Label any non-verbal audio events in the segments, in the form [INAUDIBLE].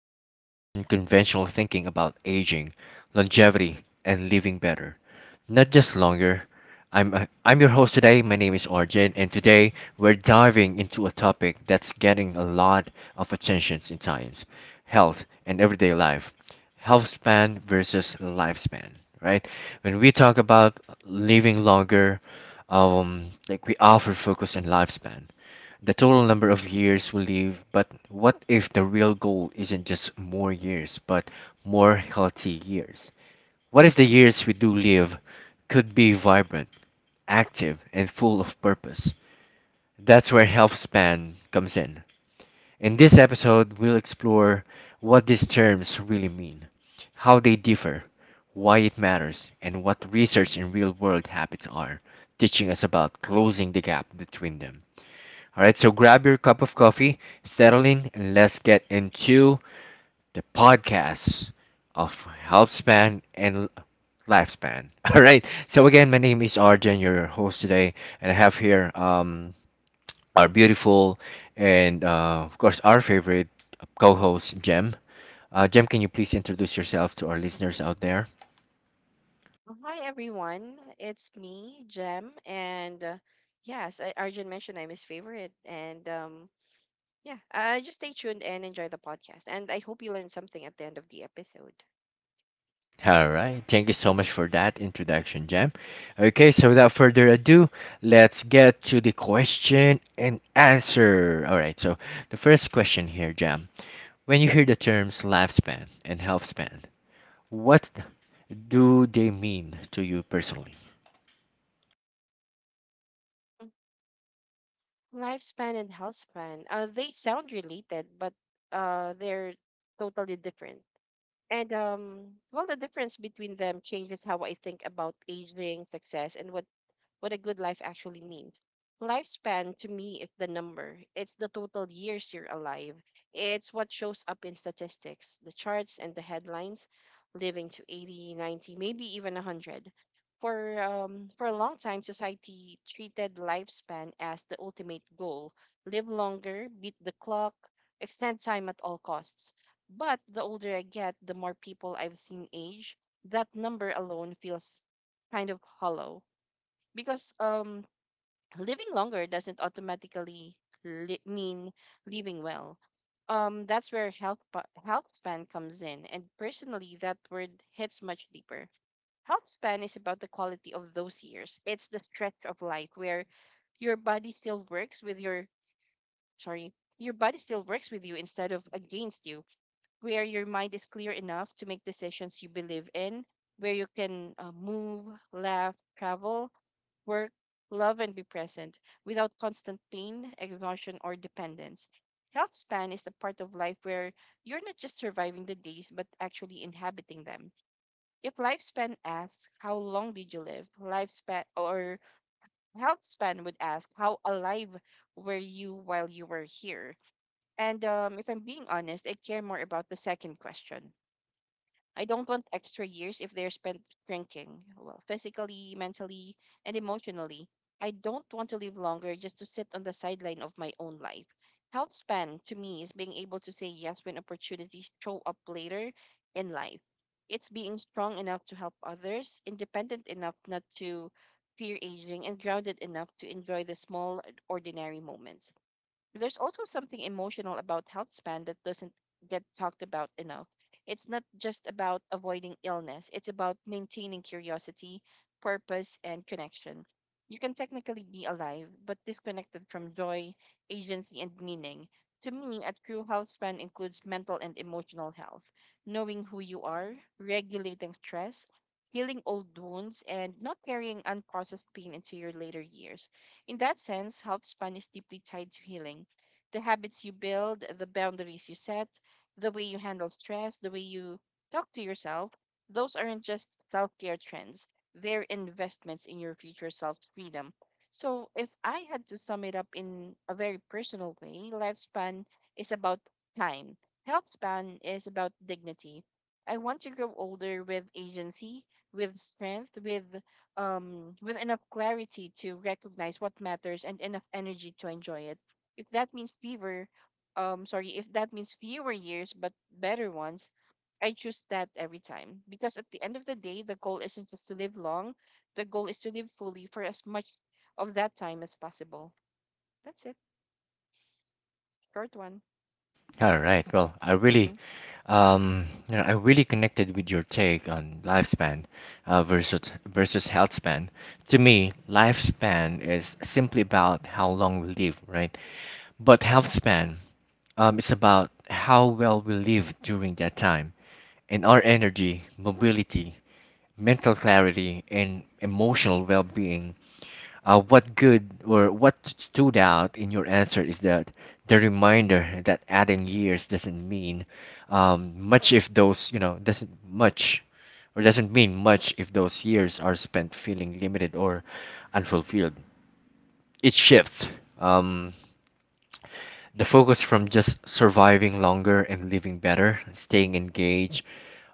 where we question conventional thinking about aging, longevity, and living better, not just longer. I'm your host today. My name is Arjun, and today we're diving into a topic that's getting a lot of attention in science, health, and everyday life. Health span versus lifespan, right? When we talk about living longer, like we often focus on lifespan, the total number of years we live, but what if the real goal isn't just more years, but more healthy years? What if the years we do live could be vibrant, active, and full of purpose? That's where health span comes in. In this episode, we'll explore what these terms really mean, how they differ, why it matters, and what research and real world habits are teaching us about closing the gap between them. All right, so grab your cup of coffee, settle in, and let's get into the podcast of health span and lifespan. [LAUGHS] All right, so again, my name is Arjen, your host today, and I have here our beautiful and, of course, our favorite co host, Jem. Jem, can you please introduce yourself to our listeners out there? Well, hi everyone, it's me, Jem, and yes, I, Arjun mentioned I'm his favorite, and yeah, just stay tuned and enjoy the podcast, and I hope you learn something at the end of the episode. All right. Thank you so much for that introduction, Jam. Okay, so without further ado, let's get to the question and answer. All right. So the first question here, Jam. When you hear the terms lifespan and health span, what do they mean to you personally? Mm. Lifespan and health span, they sound related, but they're totally different. And well, the difference between them changes how I think about aging, success, and what a good life actually means. Lifespan to me is the number. It's the total years you're alive. It's what shows up in statistics, the charts and the headlines, living to 80, 90, maybe even 100. For a long time, society treated lifespan as the ultimate goal. Live longer, beat the clock, extend time at all costs. But the older I get, the more people I've seen age, that number alone feels kind of hollow because living longer doesn't automatically mean living well. Um, that's where health span comes in, and personally that word hits much deeper. Health span is about the quality of those years. It's the stretch of life where your body still works with your sorry your body still works with you instead of against you, where your mind is clear enough to make decisions you believe in, where you can move, laugh, travel, work, love, and be present without constant pain, exhaustion, or dependence. Health span is the part of life where you're not just surviving the days, but actually inhabiting them. If lifespan asks, "How long did you live?" Lifespan or health span would ask, "How alive were you while you were here?" And if I'm being honest, I care more about the second question. I don't want extra years if they're spent drinking, well, physically, mentally, and emotionally. I don't want to live longer just to sit on the sideline of my own life. Health span to me is being able to say yes when opportunities show up later in life. It's being strong enough to help others, independent enough not to fear aging, and grounded enough to enjoy the small, ordinary moments. There's also something emotional about health span that doesn't get talked about enough. It's not just about avoiding illness, it's about maintaining curiosity, purpose, and connection. You can technically be alive, but disconnected from joy, agency, and meaning. To me, a true health span includes mental and emotional health, knowing who you are, regulating stress, healing old wounds, and not carrying unprocessed pain into your later years. In that sense, health span is deeply tied to healing. The habits you build, the boundaries you set, the way you handle stress, the way you talk to yourself, those aren't just self care trends. They're investments in your future self freedom. So, if I had to sum it up in a very personal way, lifespan is about time, health span is about dignity. I want to grow older with agency, with strength, with enough clarity to recognize what matters and enough energy to enjoy it. If that means fewer sorry If that means fewer years but better ones, I choose that every time, because at the end of the day the goal isn't just to live long, the goal is to live fully for as much of that time as possible. That's it. Short one. All right. Well, I really, Mm-hmm. You know, I really connected with your take on lifespan uh, versus versus health span. To me, lifespan is simply about how long we live, right? But health span, it's about how well we live during that time, and our energy, mobility, mental clarity, and emotional well-being. What good, or what stood out in your answer, is that the reminder that adding years doesn't mean much if those doesn't mean much if those years are spent feeling limited or unfulfilled. It shifts. Um, the focus from just surviving longer and living better, staying engaged,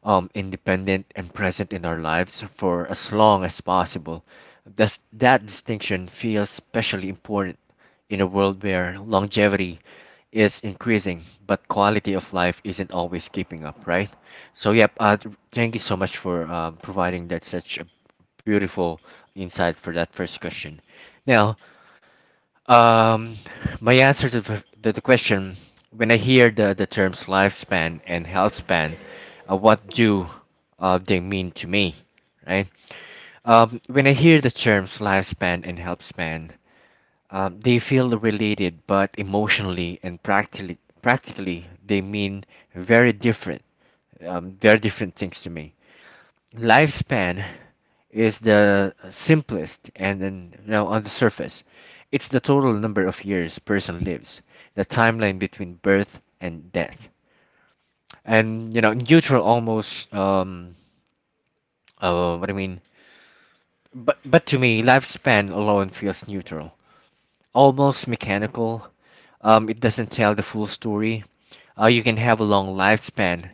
independent, and present in our lives for as long as possible. That distinction feels especially important in a world where longevity is increasing, but quality of life isn't always keeping up, right? So, yep, thank you so much for providing that such a beautiful insight for that first question. Now, um, my answer to the question, when I hear the terms lifespan and health span, what do they mean to me, right? When I hear the terms lifespan and health span, they feel related, but emotionally and practically, they mean very different, very different things to me. Lifespan is the simplest, and then, you know, on the surface, it's the total number of years person lives, the timeline between birth and death, and, you know, neutral almost. Um uh, what i mean but but to me, lifespan alone feels neutral, almost mechanical. It doesn't tell the full story. You can have a long lifespan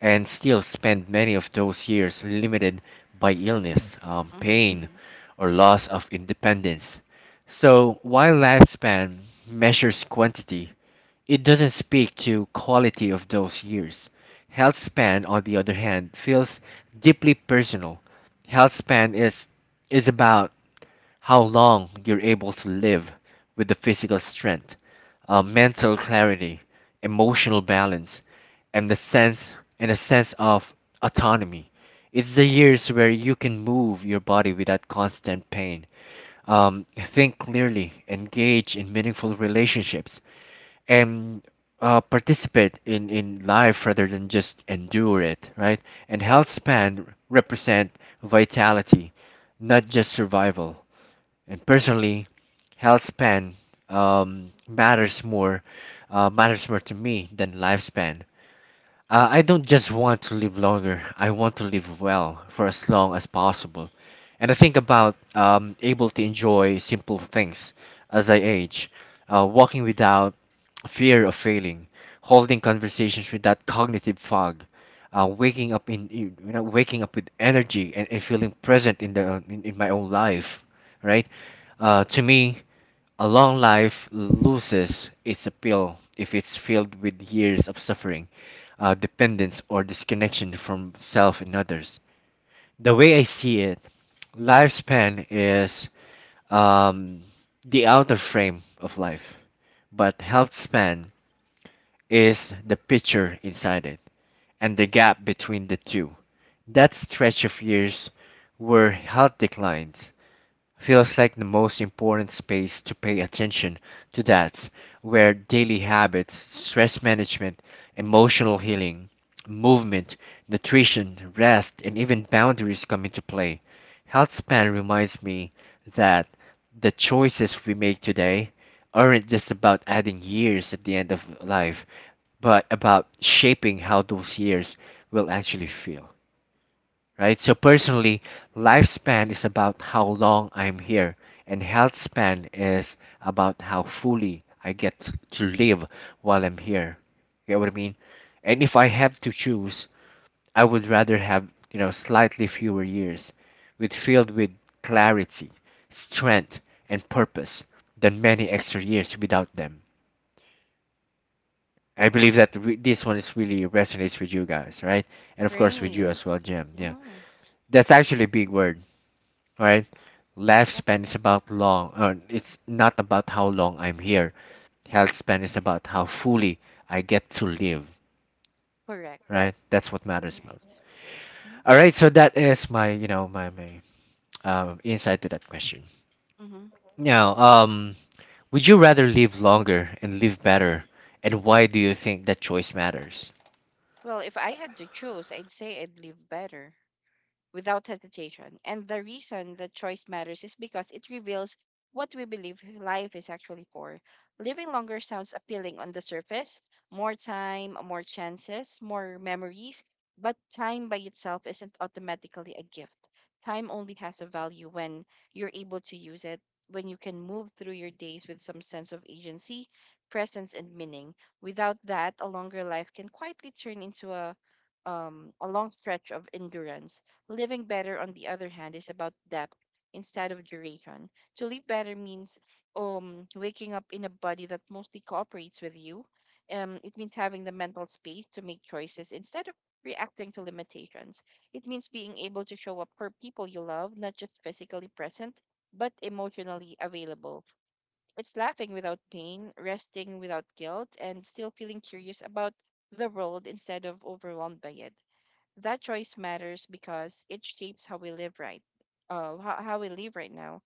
and still spend many of those years limited by illness, Mm-hmm. pain, or loss of independence. So while lifespan measures quantity, it doesn't speak to quality of those years. Health span, on the other hand, feels deeply personal. Health span is about how long you're able to live with the physical strength, mental clarity, emotional balance, and the sense and a sense of autonomy. It's the years where you can move your body without constant pain, think clearly, engage in meaningful relationships, and participate in life rather than just endure it, right? And health span represent vitality, not just survival. And personally, health span um, matters more matters more to me than lifespan. I don't just want to live longer, I want to live well for as long as possible. And I think about able to enjoy simple things as I age, walking without fear of failing, holding conversations without cognitive fog, waking up in- you know waking up with energy, and feeling present in my own life, right? To me, a long life loses its appeal if it's filled with years of suffering, dependence, or disconnection from self and others. The way I see it, lifespan is um, the outer frame of life, but health span is the picture inside it, and the gap between the two, that stretch of years where health declines, feels like the most important space to pay attention to. That's where daily habits, stress management, emotional healing, movement, nutrition, rest, and even boundaries come into play. Healthspan reminds me that the choices we make today aren't just about adding years at the end of life, but about shaping how those years will actually feel, right? So personally, lifespan is about how long I'm here, and health span is about how fully I get to live while I'm here. You get what I mean? And if I had to choose, I would rather have, you know, slightly fewer years with filled with clarity, strength, and purpose than many extra years without them. I believe that this one is really resonates with you guys, right? And of course with Great. you as well, Jim. Yeah. Mm-hmm. That's actually a big word. Right? Yep. Lifespan is about long, or it's not about how long I'm here. Health span is about how fully I get to live, Correct. right? That's what matters most. Right. Mm-hmm. All right, so that is my, you know, my insight to that question. Mm-hmm. Now, would you rather live longer and live better, and why do you think that choice matters? Well, if I had to choose, I'd say I'd live better, without hesitation. And the reason that choice matters is because it reveals what we believe life is actually for. Living longer sounds appealing on the surface, more time, more chances, more memories, but time by itself isn't automatically a gift. Time only has a value when you're able to use it, when you can move through your days with some sense of agency, presence, and meaning. Without that, a longer life can quietly turn into a long stretch of endurance. Living better, on the other hand, is about depth instead of duration. To live better means waking up in a body that mostly cooperates with you. It means having the mental space to make choices instead of reacting to limitations. It means being able to show up for people you love, not just physically present, but emotionally available. It's laughing without pain, resting without guilt, and still feeling curious about the world instead of overwhelmed by it. That choice matters because it shapes how we live right, how we live right now.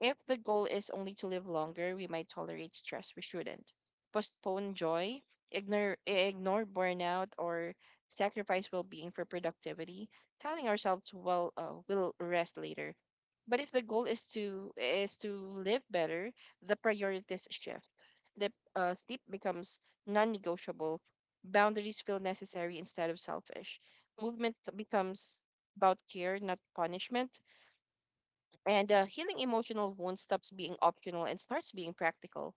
If the goal is only to live longer, we might tolerate stress we shouldn't, postpone joy, ignore burnout, or sacrifice well being for productivity, telling ourselves, well, we'll rest later. But if the goal is to live better, the priorities shift. Sleep becomes non-negotiable. Boundaries feel necessary instead of selfish. Movement becomes about care, not punishment, and healing emotional wounds stops being optional and starts being practical.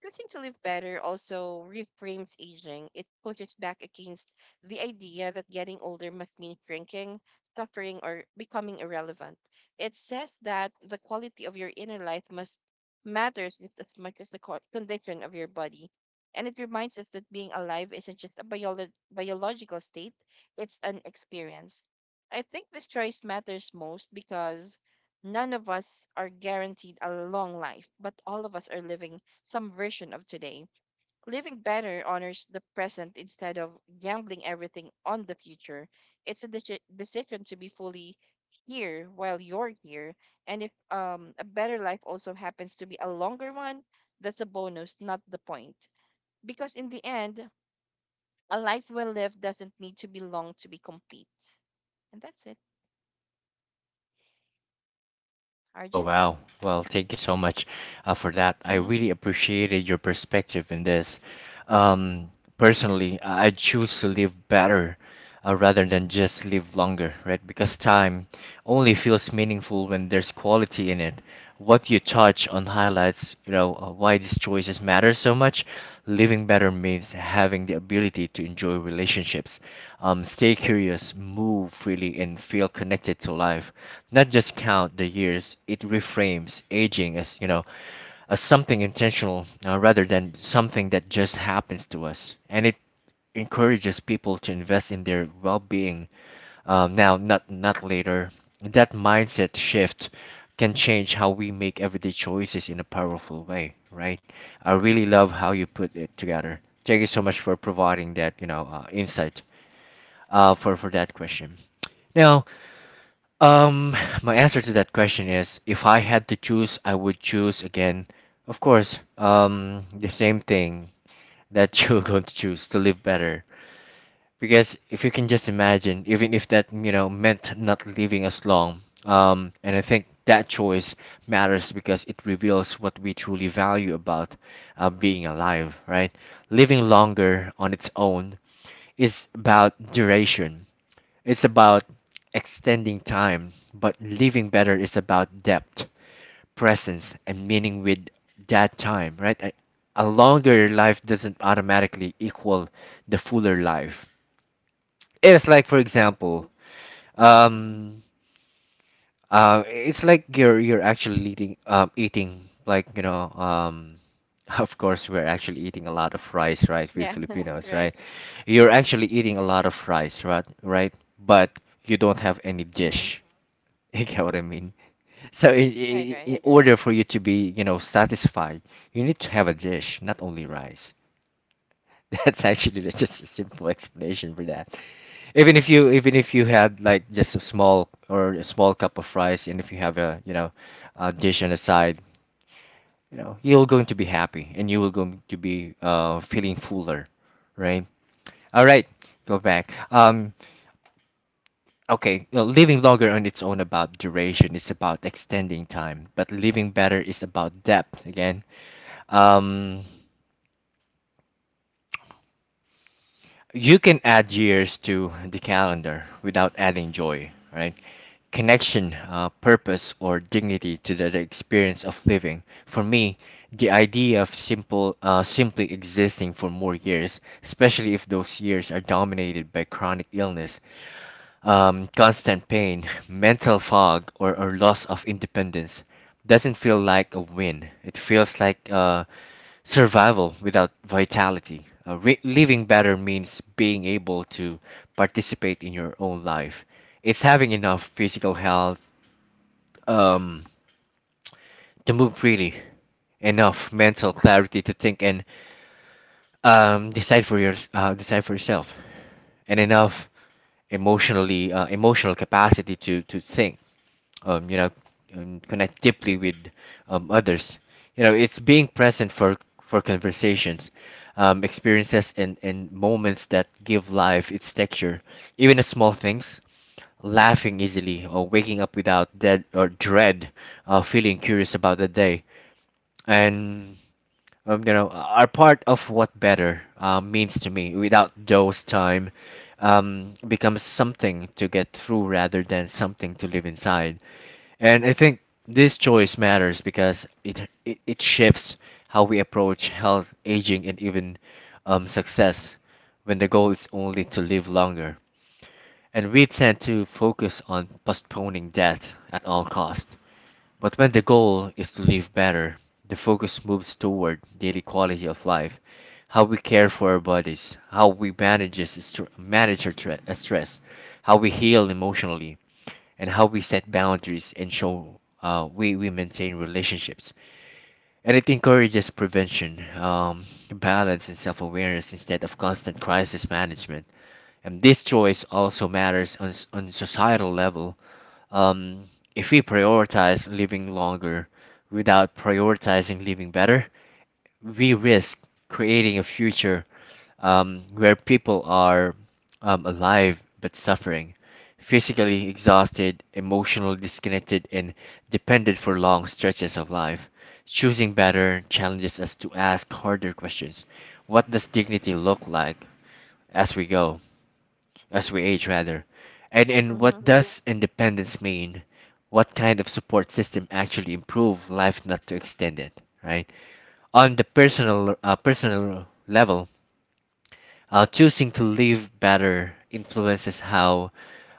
Choosing to live better also reframes aging. It pushes back against the idea that getting older must mean shrinking, suffering, or becoming irrelevant. It says that the quality of your inner life must matters just as much as the condition of your body. And it reminds us that being alive isn't just a biological state, it's an experience. I think this choice matters most because none of us are guaranteed a long life, but all of us are living some version of today. Living better honors the present instead of gambling everything on the future. It's a decision to be fully here while you're here. And if a better life also happens to be a longer one, that's a bonus, not the point. Because in the end, a life well lived doesn't need to be long to be complete. And that's it. Oh, Arjun? wow. Well, thank you so much for that. I Mm-hmm. really appreciated your perspective in this. Um, personally, I choose to live better rather than just live longer, right? Because time only feels meaningful when there's quality in it. What you touch on highlights, you know, why these choices matter so much. Living better means having the ability to enjoy relationships, stay curious, move freely, and feel connected to life. Not just count the years, it reframes aging as, you know, as something intentional, rather than something that just happens to us. And it encourages people to invest in their well-being now, not not later. That mindset shift can change how we make everyday choices in a powerful way, right? I really love how you put it together. Thank you so much for providing that, you know, insight for that question. Now, um, my answer to that question is, if I had to choose, I would choose again. Of course, the same thing that [LAUGHS] you're going to choose to live better. Because if you can just imagine, even if that, you know, meant not living as long, and I think that choice matters because it reveals what we truly value about being alive, right? Living longer on its own is about duration. It's about extending time, but living better is about depth, presence, and meaning with that time, right? A longer life doesn't automatically equal the fuller life. It's like, for Right. example, Mm-hmm. um, it's like you're actually eating, eating like, you know, [LAUGHS] of course, we're actually eating a lot of rice, right? We Yes, [LAUGHS] Filipinos, right. right? You're Mm-hmm. actually eating a lot of rice, right? Right? But you don't have any Mm-hmm. dish. [LAUGHS] You get what I mean? So, I Right, right. in order for you to be, you know, satisfied, you need to have a dish, not only rice. [LAUGHS] That's actually, that's just a simple explanation for that. Even if you had like just a small, or a small cup of rice, and if you have a, you know, a dish on the side, you know, you're going to be happy, and you will going to be feeling fuller, right? All right, go back. Okay, you know, living longer on its own about duration. It's about extending time, but living better is about depth. Again, um, you can add years to the calendar without adding joy, right? Connection, purpose, or dignity to the experience of living. For me, the idea of simple, simply existing for more years, especially if those years are dominated by chronic illness, constant pain, mental fog, or loss of independence doesn't feel like a win. It feels like survival without vitality. Living better means being able to participate in your own life. It's having enough physical health um, to move freely, enough mental clarity to think and decide for your decide for yourself, and enough emotional capacity to think um, you know, connect deeply with others. You know, it's being present for conversations, experiences, and moments that give life its texture. Even the small things, laughing easily, or waking up without dead or dread, feeling curious about the day, and are part of what better means to me. Without those time. Becomes something to get through rather than something to live inside, and I think this choice matters because it shifts how we approach health, aging, and even success when the goal is only to live longer. And we tend to focus on postponing death at all cost. But when the goal is to live better, the focus moves toward daily quality of life, how we care for our bodies, manage our stress, how we heal emotionally, and how we set boundaries and we maintain relationships. And it encourages prevention, balance, and self awareness instead of constant crisis management. And this choice also matters on, on societal level. Um, if we prioritize living longer without prioritizing living better, we risk creating a future where people are alive but suffering, physically exhausted, emotionally disconnected, and dependent for long stretches of life. Choosing better challenges us to ask harder questions. What does dignity look like as we go, as we age rather? And Mm-hmm. what does independence mean? What kind of support system actually improve life, not to extend it, right? On the personal level, choosing to live better influences how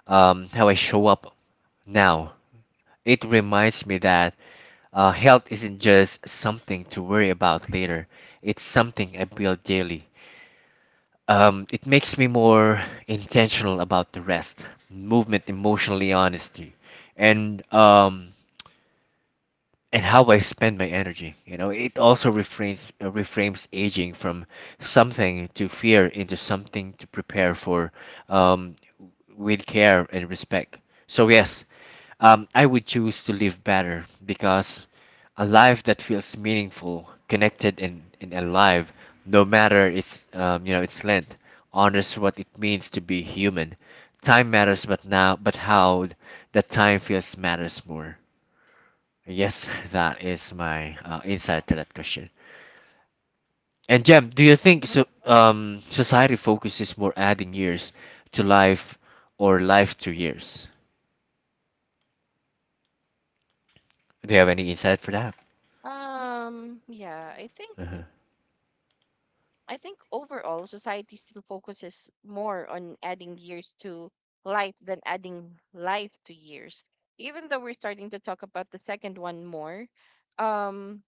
um, how I show up now. It reminds me that health isn't just something to worry about later. It's something I build daily. It makes me more intentional about the rest, movement, emotionally honesty, and um, and how I spend my energy. You know, it also reframes aging from something to fear into something to prepare for, um, with care and respect. So yes, I would choose to live better because a life that feels meaningful, connected, and alive, no matter its its length, honors what it means to be human. Time matters, but how that time feels matters more. Yes, [LAUGHS] that is my insight to that question. And Jem, do you think so, society focuses more adding years to life or life to years? Do you have any insight for that? Yeah, Uh-huh. I think overall society still focuses more on adding years to life than adding life to years. Even though we're starting to talk about the second one more, um,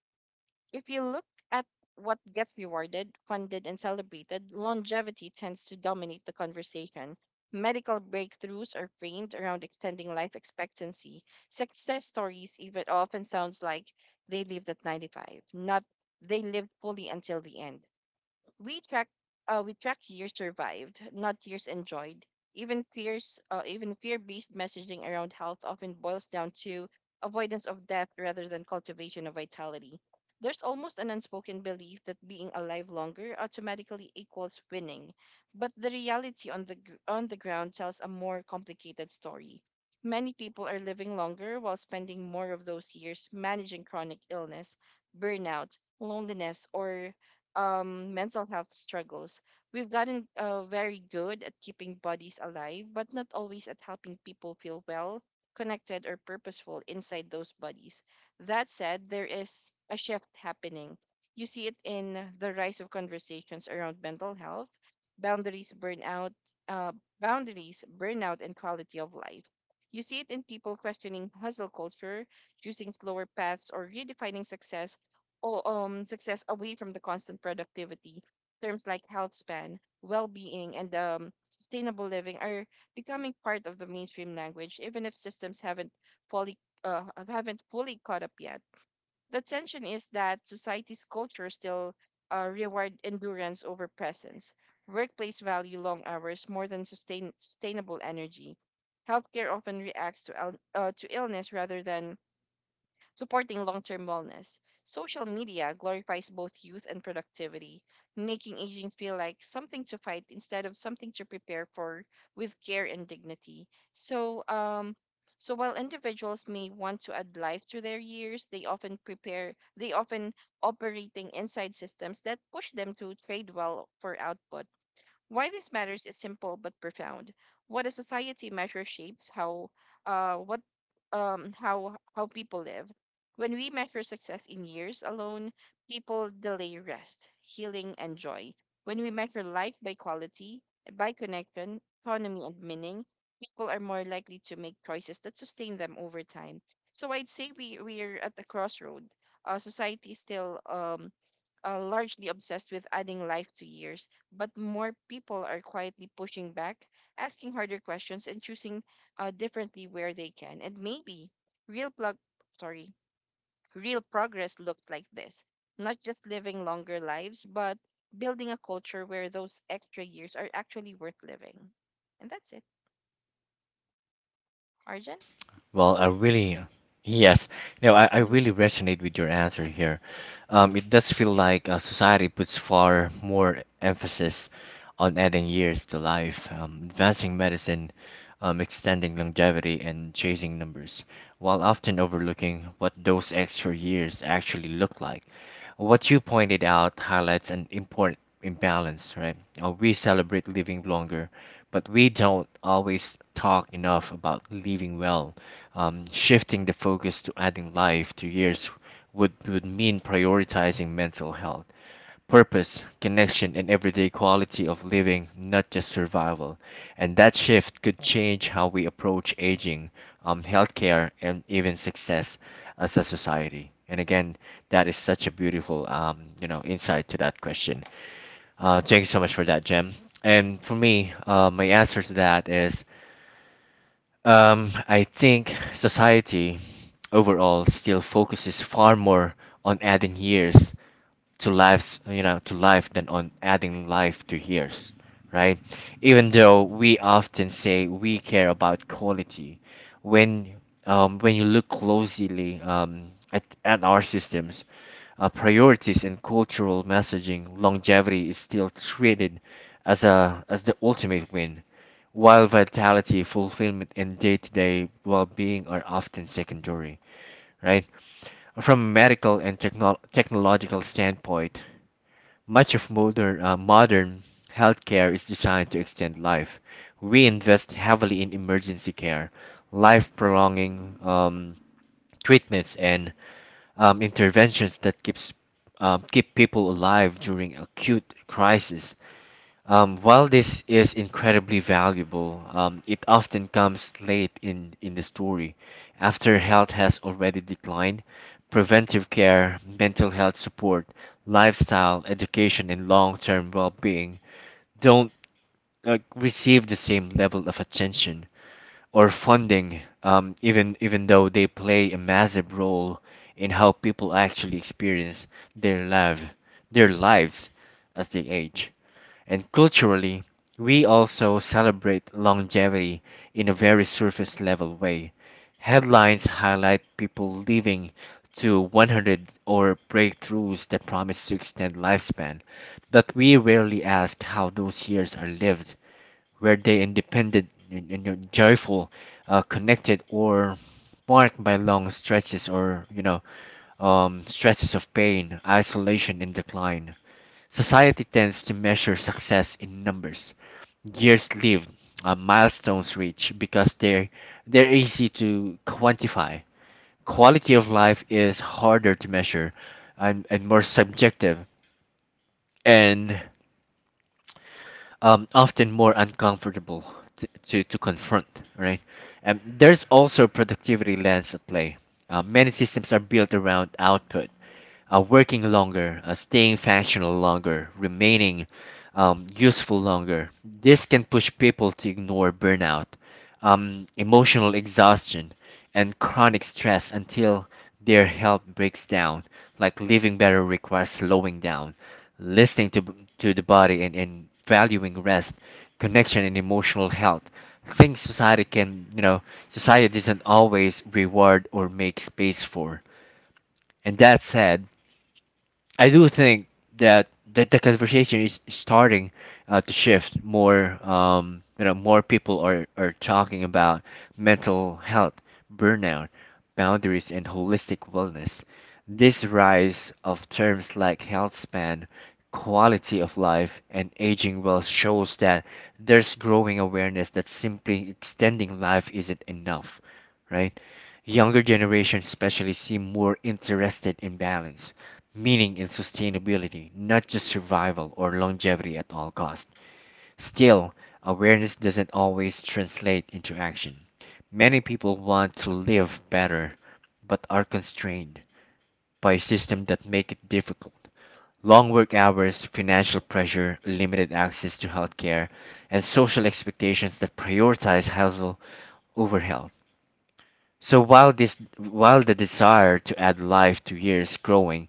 if you look at what gets rewarded, funded, and celebrated, longevity tends to dominate the conversation. Medical breakthroughs are framed around extending life expectancy. Success stories even often sounds like they lived at 95, not they lived fully until the end. We track uh, we track years survived, not years enjoyed. Even fear-based messaging around health often boils down to avoidance of death rather than cultivation of vitality. There's almost an unspoken belief that being alive longer automatically equals winning, but the reality on on the ground tells a more complicated story. Many people are living longer while spending more of those years managing chronic illness, burnout, loneliness, or mental health struggles. We've gotten very good at keeping bodies alive, but not always at helping people feel well, connected, or purposeful inside those bodies. That said, there is a shift happening. You see it in the rise of conversations around mental health, boundaries, burnout, uh, boundaries, burnout, and quality of life. You see it in people questioning hustle culture, choosing slower paths, or redefining success, all success away from the constant productivity. Terms like health span, well-being, and sustainable living are becoming part of the mainstream language, even if systems fully uh, haven't fully caught up yet. The tension is that society's culture still reward endurance over presence. Workplace value long hours more than sustainable energy. Healthcare often reacts to, to illness rather than supporting long term wellness. Social media glorifies both youth and productivity, making aging feel like something to fight instead of something to prepare for with care and dignity. So, um, so while individuals may want to add life to their years, they often operating inside systems that push them to trade well for output. Why this matters is simple but profound. What a society measures shapes how what how people live. When we measure success in years alone, people delay rest, healing, and joy. When we measure life by quality, by connection, autonomy, and meaning, people are more likely to make choices that sustain them over time. So I'd say we're at the crossroad. Society is still largely obsessed with adding life to years, but more people are quietly pushing back, asking harder questions, and choosing differently where they can. And maybe real plug, sorry, real progress looks like this: not just living longer lives, but building a culture where those extra years are actually worth living. And that's it, Arjun. Well, I really, yes, you know, I Hmm. really resonate with your answer here. It does feel like society puts far more emphasis on adding years to life, advancing medicine, extending longevity, and chasing numbers, while often overlooking what those extra years actually look like. What you pointed out highlights an important imbalance, right? We celebrate living longer, but we don't always talk enough about living well. Shifting the focus to adding life to years would mean prioritizing mental health, purpose, connection, and everyday quality of living, not just survival. And that shift could change how we approach aging, healthcare, and even success as a society. And again, that is such a beautiful, you know, insight to that question. Thank you so much for that, Jem. And for me, my answer to that is I think society overall still focuses far more on adding years to lives, you know, to life than on adding life to years, right? Even though we often say we care about quality, when when you look closely at our systems, priorities and cultural messaging, longevity is still treated as the ultimate win while vitality, fulfillment, and day to day well being are often secondary, right? From a medical and technological standpoint, much of modern healthcare is designed to extend life. We invest heavily in emergency care, life prolonging treatments, and interventions that keep people alive during acute crises while this is incredibly valuable, it often comes late in the story, after health has already declined. Preventive care, mental health support, lifestyle, education, and long term well being don't receive the same level of attention or funding, even though they play a massive role in how people actually experience their, life, their lives as they age. And culturally, we also celebrate longevity in a very surface level way. Headlines highlight people living to 100 or breakthroughs that promise to extend lifespan, but we rarely ask how those years are lived. Were they independent, you know, joyful, connected, or marked by long stretches or you know stretches of pain, isolation, and decline? Society tends to measure success in numbers, years lived, milestones reached, because they're easy to quantify. Quality of life is harder to measure, and more subjective, and often more uncomfortable to confront. Right? And there's also productivity lens at play. Many systems are built around output working longer, staying functional longer, remaining useful longer. This can push people to ignore burnout, emotional exhaustion, and chronic stress until their health breaks down. Like living better requires slowing down, listening to, to the body, and valuing rest, connection, and emotional health. Things society can, you know, society doesn't always reward or make space for. And that said, I do think that that the conversation is starting to shift more. You know, more people are talking about mental health, burnout, boundaries, and holistic wellness. This rise of terms like health span, quality of life, and aging well shows that there's growing awareness that simply extending life isn't enough, right? Younger generations especially seem more interested in balance meaning, and sustainability, not just survival or longevity at all costs. Still, awareness doesn't always translate into action. Many people want to live better, but are constrained by a system that make it difficult. Long work hours, financial pressure, limited access to healthcare, and social expectations that prioritize hustle over health. So while this while the desire to add life to years growing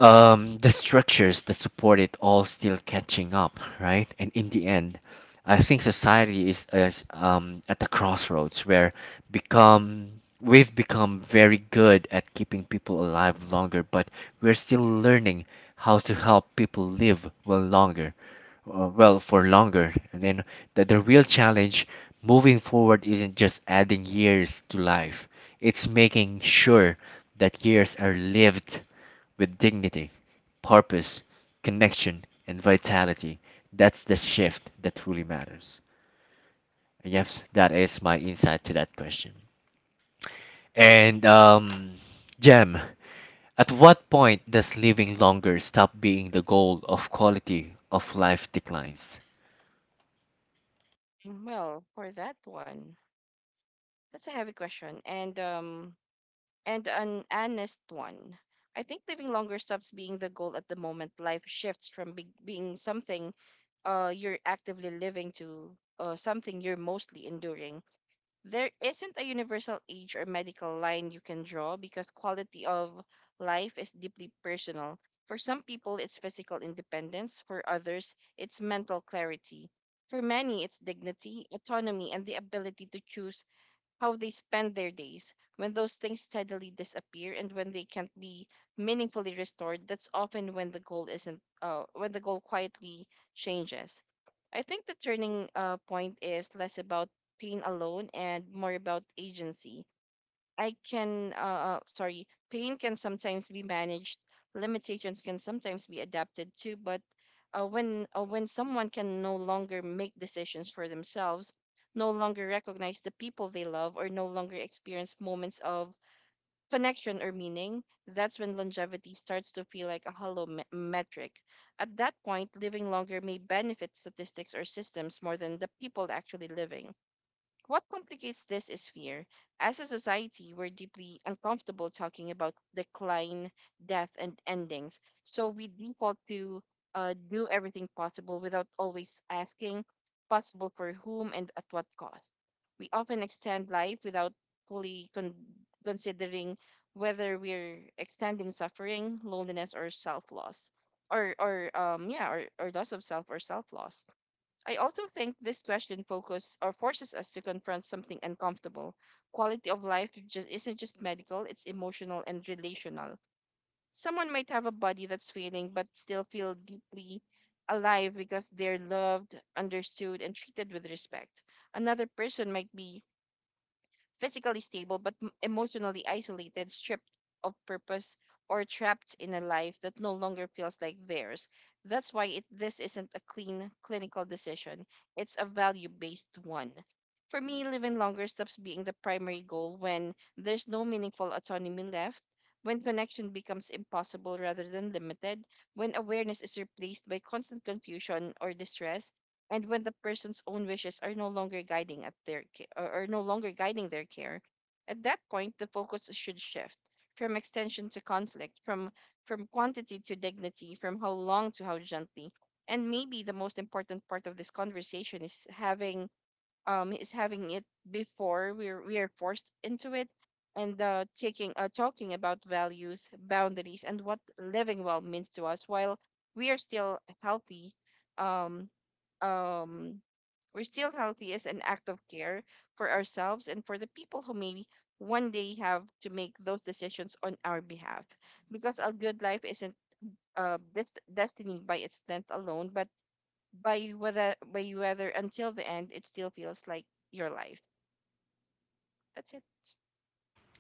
the structures that support it all still catching up, right? And in the end, I think society is at the crossroads where become we've become very good at keeping people alive longer, but we're still learning how to help people live well longer, well for longer. And then the real challenge moving forward isn't just adding years to life; it's making sure that years are lived with dignity, purpose, connection, and vitality. That's the shift that truly matters. And yes, that is my insight to that question. And Jem, at what point does living longer stop being the goal of quality of life declines? Well, for that one, that's a heavy question, and an honest one. I think living longer stops being the goal at the moment. Life shifts from being something you're actively living to something you're mostly enduring. There isn't a universal age or medical line you can draw because quality of life is deeply personal. For some people, it's physical independence. For others, it's mental clarity. For many, it's dignity, autonomy, and the ability to choose how they spend their days. When those things steadily disappear and when they can't be meaningfully restored, that's often when the goal isn't when the goal quietly changes. I think the turning point is less about pain alone and more about agency. Pain can sometimes be managed, limitations can sometimes be adapted to, but when someone can no longer make decisions for themselves, no longer recognize the people they love, or no longer experience moments of connection or meaning, that's when longevity starts to feel like a hollow metric. At that point, living longer may benefit statistics or systems more than the people actually living. What complicates this is fear. As a society, we're deeply uncomfortable talking about decline, death, and endings. So we default to do everything possible without always asking possible for whom and at what cost. We often extend life without fully con- considering whether we're extending suffering, loneliness, or self loss, or loss of self or self loss. I also think this question focus or forces us to confront something uncomfortable. Quality of life just isn't just medical, it's emotional and relational. Someone might have a body that's failing but still feel deeply alive because they're loved, understood, and treated with respect. Another person might be physically stable but emotionally isolated, stripped of purpose, or trapped in a life that no longer feels like theirs. That's why this isn't a clean clinical decision, it's a value based one. For me, living longer stops being the primary goal when there's no meaningful autonomy left, when connection becomes impossible rather than limited, when awareness is replaced by constant confusion or distress, and when the person's own wishes are no longer guiding at their ca- or are no longer guiding their care. At that point, the focus should shift from extension to conflict, from quantity to dignity, from how long to how gently. And maybe the most important part of this conversation is having it before we're forced into it, and taking talking about values, boundaries, and what living well means to us while we are still healthy, um um as an act of care for ourselves and for the people who maybe one day have to make those decisions on our behalf. Because a good life isn't best destiny by its length alone, but by you whether until the end it still feels like your life. That's it.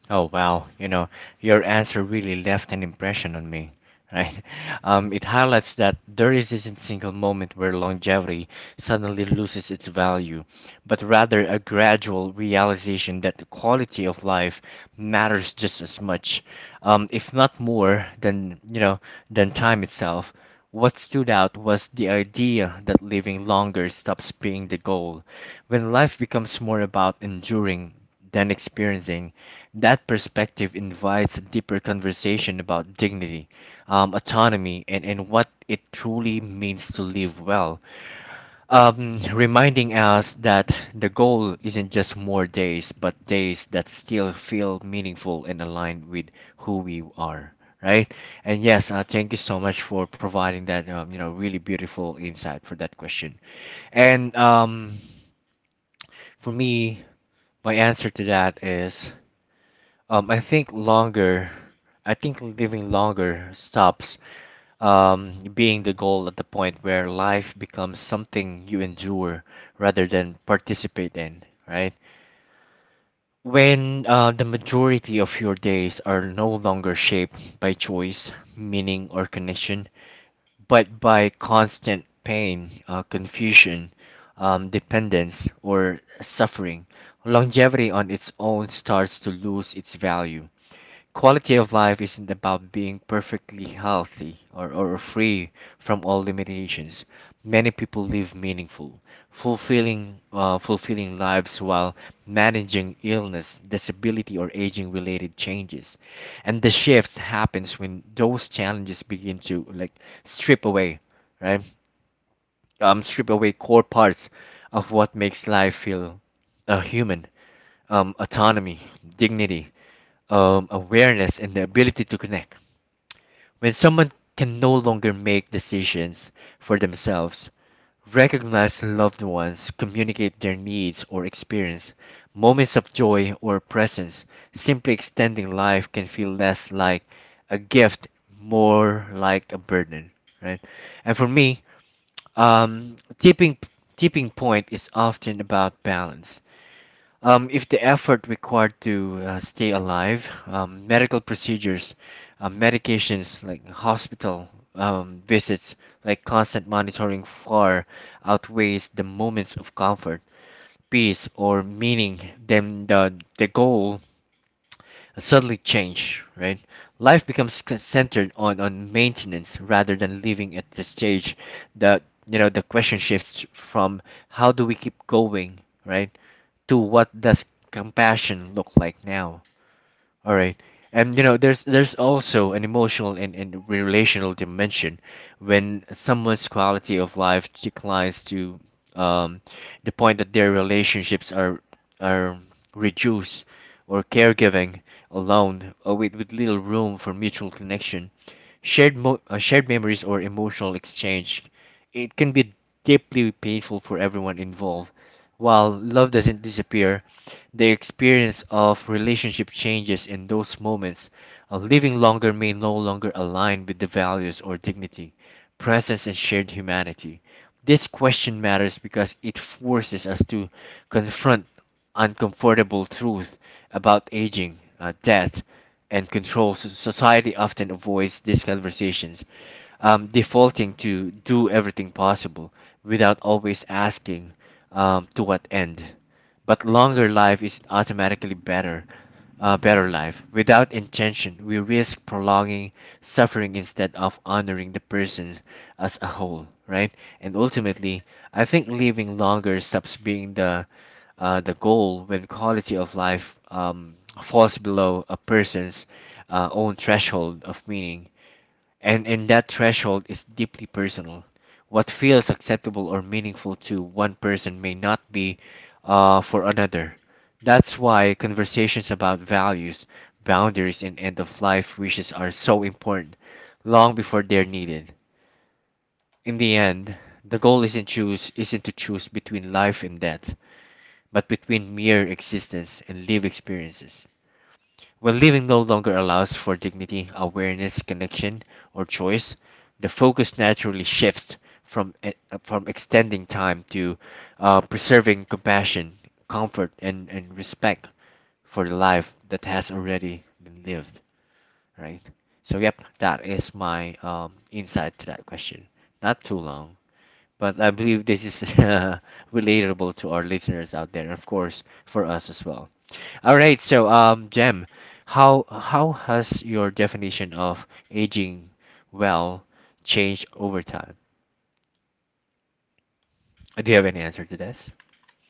Oh wow, you know, your answer really left an impression on me, right? [LAUGHS] It highlights that there isn't a single moment where longevity suddenly loses its value. But rather a gradual realization that the quality of life matters just as much, if not more, than you know than time itself. What stood out was the idea that living longer stops being the goal. When life becomes more about enduring than experiencing, that perspective invites a deeper conversation about dignity, autonomy, and what it truly means to live well reminding us that the goal isn't just more days, but days that still feel meaningful and aligned with who we are, right? And yes, thank you so much for providing that, you know, really beautiful insight for that question. And for me, my answer to that is, um, I think longer, I think living longer stops being the goal at the point where life becomes something you endure rather than participate in, right? When the majority of your days are no longer shaped by choice, meaning, or connection, but by constant pain, confusion, dependence, or suffering, longevity on its own starts to lose its value. Quality of life isn't about being perfectly healthy or free from all limitations. Many people live meaningful, fulfilling lives while managing illness, disability, or aging-related changes. And the shift happens when those challenges begin to like strip away, right? Strip away core parts of what makes life feel human, autonomy, dignity, awareness, and the ability to connect. When someone can no longer make decisions for themselves, recognize loved ones, communicate their needs, or experience moments of joy or presence, simply extending life can feel less like a gift, more like a burden, right? And for me, um, tipping tipping point is often about balance. If the effort required to stay alive, medical procedures, medications like hospital visits, like constant monitoring far outweighs the moments of comfort, peace, or meaning, then the goal suddenly change, right? Life becomes centered on maintenance rather than living at the stage that, the question shifts from how do we keep going, right? To what does compassion look like now. All right. And you know, there's also an emotional and relational dimension when someone's quality of life declines to um, the point that their relationships are reduced or caregiving alone or with little room for mutual connection. Shared memories or emotional exchange, it can be deeply painful for everyone involved. While love doesn't disappear, the experience of relationship changes in those moments. Living longer may no longer align with the values or dignity, presence, and shared humanity. This question matters because it forces us to confront uncomfortable truth about aging, death, and controls. Society often avoids these conversations, defaulting to do everything possible without always asking, to what end. But longer life is automatically better, better life. Without intention, we risk prolonging suffering instead of honoring the person as a whole, right? And ultimately, I think living longer stops being the the goal when quality of life falls below a person's own threshold of meaning, and that threshold is deeply personal. What feels acceptable or meaningful to one person may not be, for another. That's why conversations about values, boundaries, and end of life wishes are so important, long before they're needed. In the end, the goal isn't to choose between life and death, but between mere existence and live experiences. When living no longer allows for dignity, awareness, connection, or choice, the focus naturally shifts from e- from extending time to, preserving compassion, comfort, and respect for the life that has already been lived. Right. So yep, that is my insight to that question. Not too long, but I believe this is [LAUGHS] relatable to our listeners out there, and of course for us as well. All right, so Jem, how has your definition of aging well changed over time? Do you have any answer to this?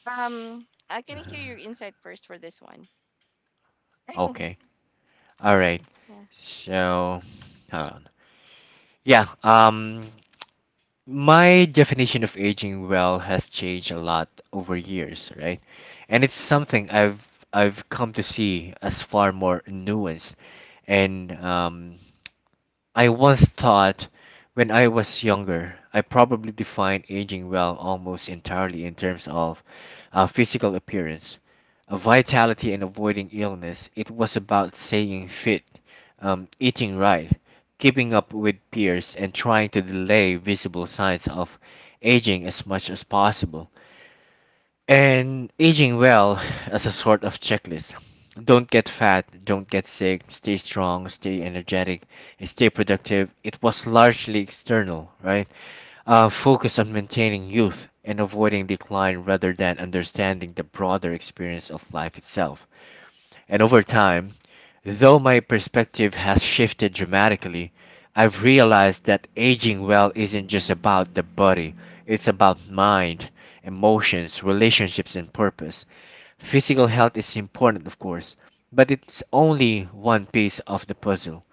I can hear your Uh-huh. insight first for this one. Okay. [LAUGHS] All right. Yeah. So, hold on. Yeah, my definition of aging well has changed a lot over years, right? And it's something I've come to see as far more nuanced and, I once thought when I was younger, I probably defined aging well almost entirely in terms of, physical appearance, vitality, and avoiding illness. It was about staying fit, eating right, keeping up with peers, and trying to delay visible signs of aging as much as possible. And aging well as a sort of checklist. Don't get fat, don't get sick, stay strong, stay energetic, and stay productive. It was largely external, right? Focus on maintaining youth and avoiding decline rather than understanding the broader experience of life itself. And over time, though my perspective has shifted dramatically, I've realized that aging well isn't just about the body, it's about mind, emotions, relationships, and purpose. Physical health is important, of course, but it's only one piece of the puzzle.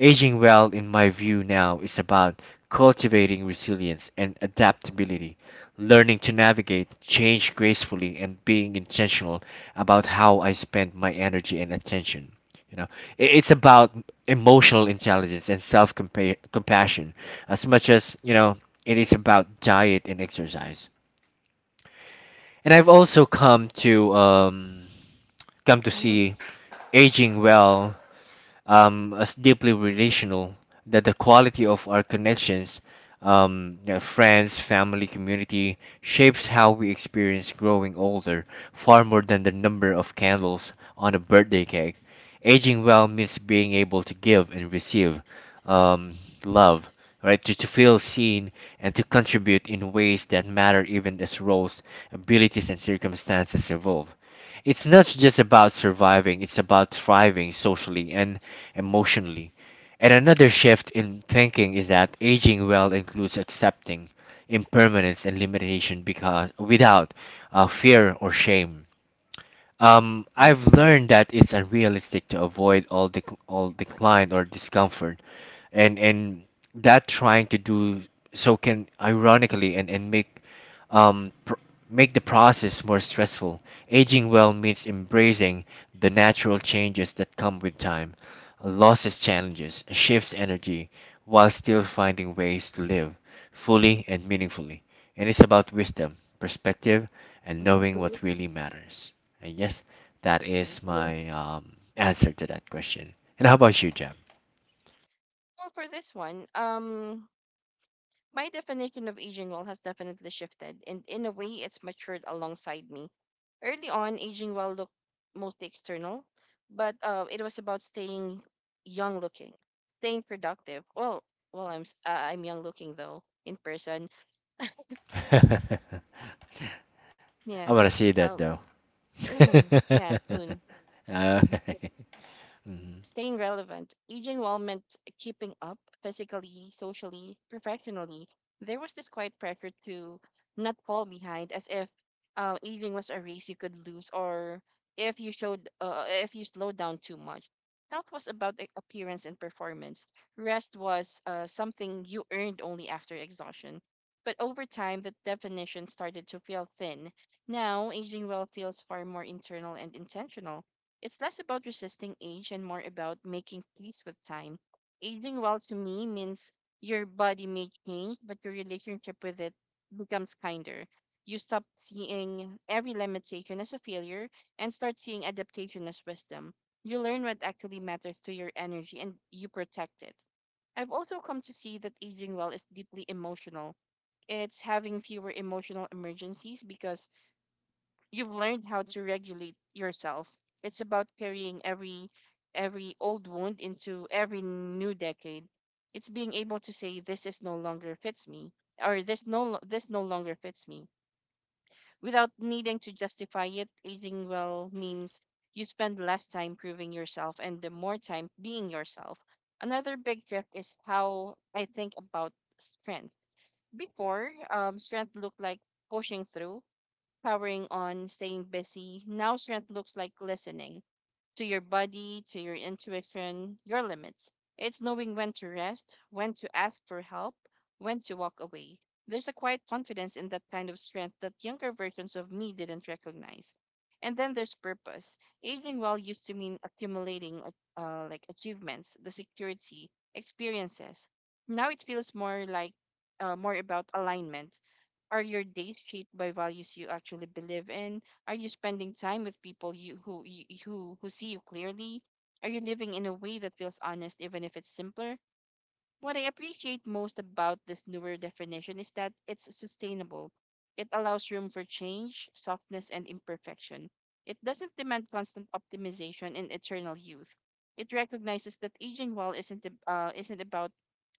Aging well, in my view, now is about cultivating resilience and adaptability, learning to navigate change gracefully, and being intentional about how I spend my energy and attention. You know, it's about emotional intelligence and self compassion as much as, you know, it is about diet and exercise. And I've also come to, Mm-hmm. see aging well, as deeply relational, that the quality of our connections, you know, friends, family, community, shapes how we experience growing older far more than the number of candles on a birthday cake. Aging well means being able to give and receive, um, love, right? To feel seen and to contribute in ways that matter even as roles, abilities, and circumstances evolve. It's not just about surviving, it's about thriving socially and emotionally. And another shift in thinking is that aging well includes accepting impermanence and limitation because without, fear or shame. Mm-hmm. I've learned that it's unrealistic to avoid all decline or discomfort, and that trying to do so can ironically and make, pr make the process more stressful. Aging well means embracing the natural changes that come with time, losses challenges, shifts energy, while still finding ways to live fully and meaningfully. And it's about wisdom, perspective, and Mm-hmm. knowing what really matters. And yes, that Right. is my, answer to that question. And how about you, Jam? Well, for this one, my definition of aging well has definitely shifted, and in a way, it's matured alongside me. Early on, aging well looked mostly external, but it was about staying young looking, staying productive. Well, I'm young looking though in person. [LAUGHS] I Yeah. want to see that Um. though. [LAUGHS] Mm, yeah. Soon. [LAUGHS] Okay. Mhm. Staying relevant, aging well meant keeping up physically, socially, professionally. There was this quiet pressure to not fall behind, as if aging was a race you could lose, or if you slowed down too much. Health was about appearance and performance. Rest was something you earned only after exhaustion. But over time, that definition started to feel thin. Now, aging well feels far more internal and intentional. It's less about resisting age and more about making peace with time. Aging well to me means your body may change, but your relationship with it becomes kinder. You stop seeing every limitation as a failure and start seeing adaptation as wisdom. You learn what actually matters to your energy, and you protect it. I've also come to see that aging well is deeply emotional. It's having fewer emotional emergencies because you've learned how to regulate yourself. It's about carrying every old wound into every new decade. It's being able to say this is no longer fits me or this no longer fits me without needing to justify it. Aging well means you spend less time proving yourself and the more time being yourself. Another big shift is how I think about strength. Before, strength looked like pushing through, powering on, staying busy. Now strength looks like listening to your body, to your intuition, your limits. It's knowing when to rest, when to ask for help, when to walk away. There's a quiet confidence in that kind of strength that younger versions of me didn't recognize. And then there's purpose. Aging well used to mean accumulating like achievements, the security, experiences. Now it feels more about alignment. Are your days shaped by values you actually believe in? Are you spending time with people you, who see you clearly? Are you living in a way that feels honest, even if it's simpler? What I appreciate most about this newer definition is that it's sustainable. It allows room for change, softness, and imperfection. It doesn't demand constant optimization and eternal youth. It recognizes that aging well isn't isn't about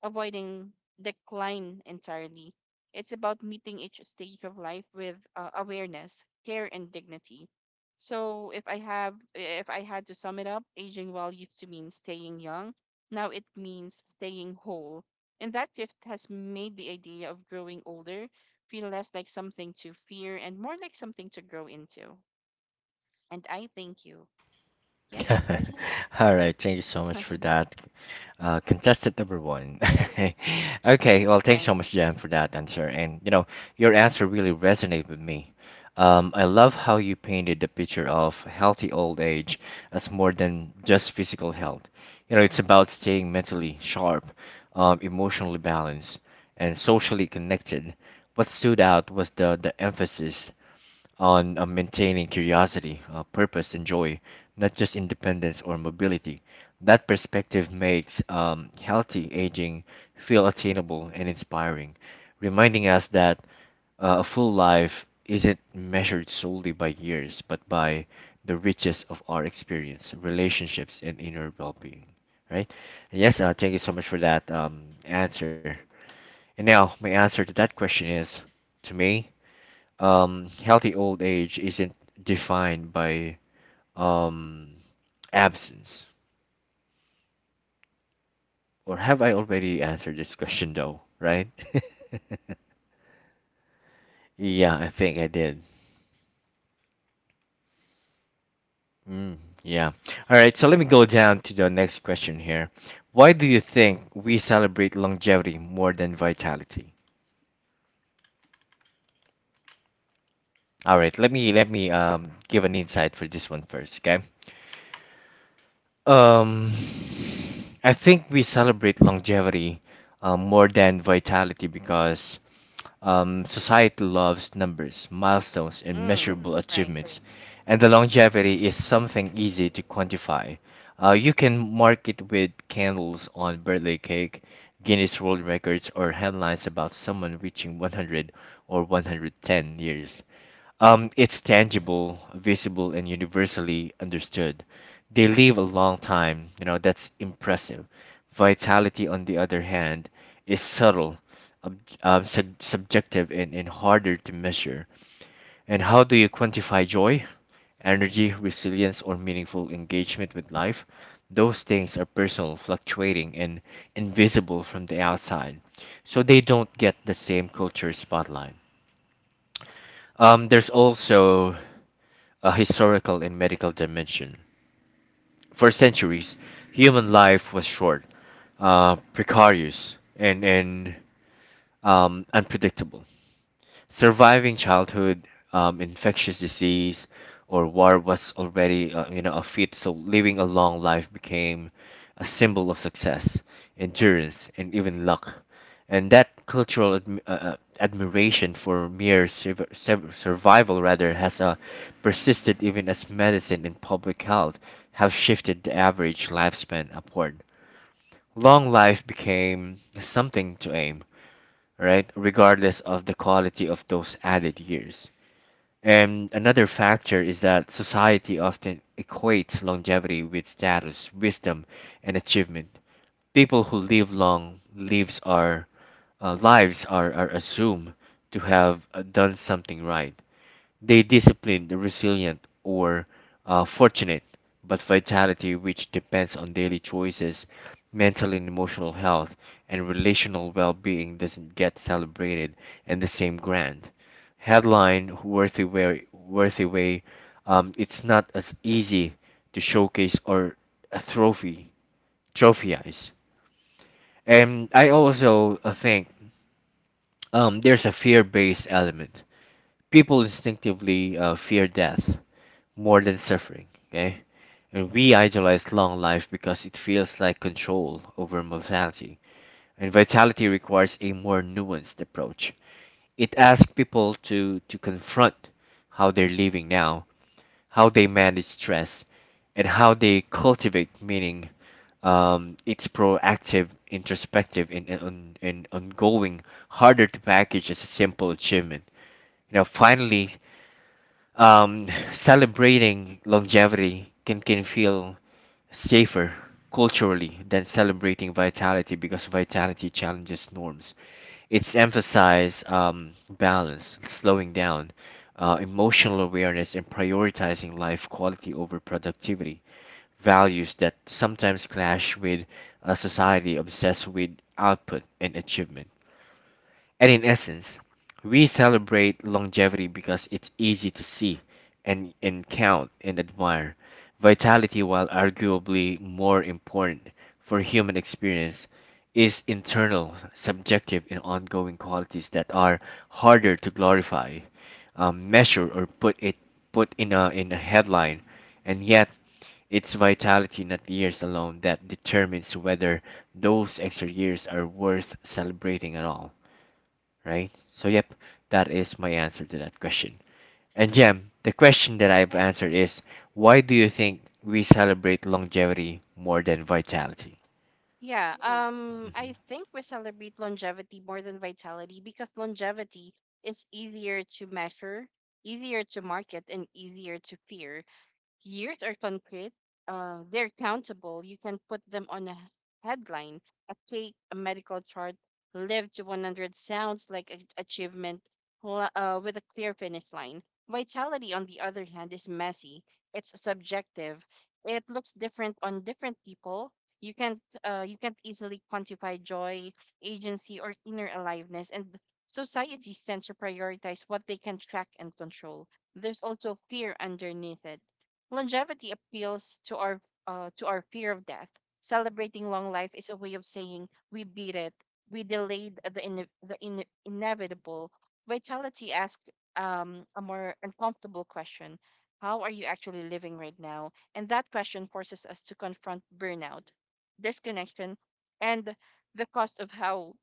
avoiding decline entirely. It's about meeting each stage of life with awareness, care, and dignity. So if I have if I had to sum it up, aging well used to mean staying young. Now it means staying whole. And that shift has made the idea of growing older feel less like something to fear and more like something to grow into. And I thank you. Yes, Sergeant? [LAUGHS] All right, thank you so much for [LAUGHS] that. Contestant number one. [LAUGHS] Okay, well, thanks Right. so much, Jan, for that answer. And you know, your answer really resonated with me. I love how you painted the picture of healthy old age as more than just physical health. You know, it's about staying mentally sharp, emotionally balanced, and socially connected. What stood out was the emphasis on, maintaining curiosity, purpose, and joy, not just independence or mobility. That perspective makes, healthy aging feel attainable and inspiring, reminding us that, a full life isn't measured solely by years, but by the riches of our experience, relationships, and inner well being. Right? And yes, thank you so much for that, answer. And now, my answer to that question is to me, healthy old age isn't defined by, um, absence. Or have I already answered this question though, right? [LAUGHS] Yeah, I think I did. Mm, yeah. All right, so let me go down to the next question here. Why do you think we celebrate longevity more than vitality? All right, let me um, give an insight for this one first, okay? Um, I think we celebrate longevity, more than vitality because, society loves numbers, milestones, and Mm, measurable right. achievements, and the longevity is something easy to quantify. You can mark it with candles on birthday cake, Guinness World Records, or headlines about someone reaching 100 or 110 years. It's tangible, visible, and universally understood. They live a long time, you know, that's impressive. Vitality, on the other hand, is subtle, subjective, and harder to measure. And how do you quantify joy, energy, resilience, or meaningful engagement with life? Those things are personal, fluctuating, and invisible from the outside. So they don't get the same culture spotlight. There's also a historical and medical dimension. For centuries, human life was short, precarious, and unpredictable. Surviving childhood, infectious disease or war was already, you know, a feat, so living a long life became a symbol of success, endurance, and even luck. And that cultural admiration for mere survival rather has, persisted even as medicine and public health have shifted the average lifespan upward. Long life became something to aim, right? Regardless of the quality of those added years. And another factor is that society often equates longevity with status, wisdom, and achievement. People who live long lives are, are assumed to have, done something right, they disciplined, resilient, or, fortunate, but vitality, which depends on daily choices, mental and emotional health, and relational well being, doesn't get celebrated in the same grand headline, worthy way. It's not as easy to showcase or a trophy, trophies. And I also, think, there's a fear-based element. People instinctively, fear death more than suffering, okay? And we idolize long life because it feels like control over mortality. And vitality requires a more nuanced approach. It asks people to, confront how they're living now, how they manage stress, and how they cultivate meaning. It's proactive, introspective, and ongoing, harder to package as a simple achievement. You know, finally, um, [LAUGHS] celebrating longevity can feel safer culturally than celebrating vitality because vitality challenges norms. It's emphasize, balance, slowing down, emotional awareness, and prioritizing life quality over productivity. Values that sometimes clash with a society obsessed with output and achievement. And in essence, we celebrate longevity because it's easy to see and count and admire. Vitality, while arguably more important for human experience, is internal, subjective, and ongoing qualities that are harder to glorify, measure, or put in a headline. And yet, it's vitality, not years alone, that determines whether those extra years are worth celebrating at all, right? So, yep, that is my answer to that question. And, Jem, the question that I've Yeah. answered is, why do you think we celebrate longevity more than vitality? Yeah. I Mhm. think we celebrate longevity more than vitality because longevity is easier to measure, easier to market, and easier to fear. Years are concrete. They're countable. You can put them on a headline, a cake, a medical chart. Live to 100 sounds like an achievement, with a clear finish line. Vitality, on the other hand, is messy. It's subjective. It looks different on different people. You can't easily quantify joy, agency, or inner aliveness. And societies tend to prioritize what they can track and control. There's also fear underneath it. Longevity appeals to our fear of death. Celebrating long life is a way of saying we beat it, we delayed the inevitable. Vitality asks a more uncomfortable question: how are you actually living right now? And that question forces us to confront burnout, disconnection, and the cost of how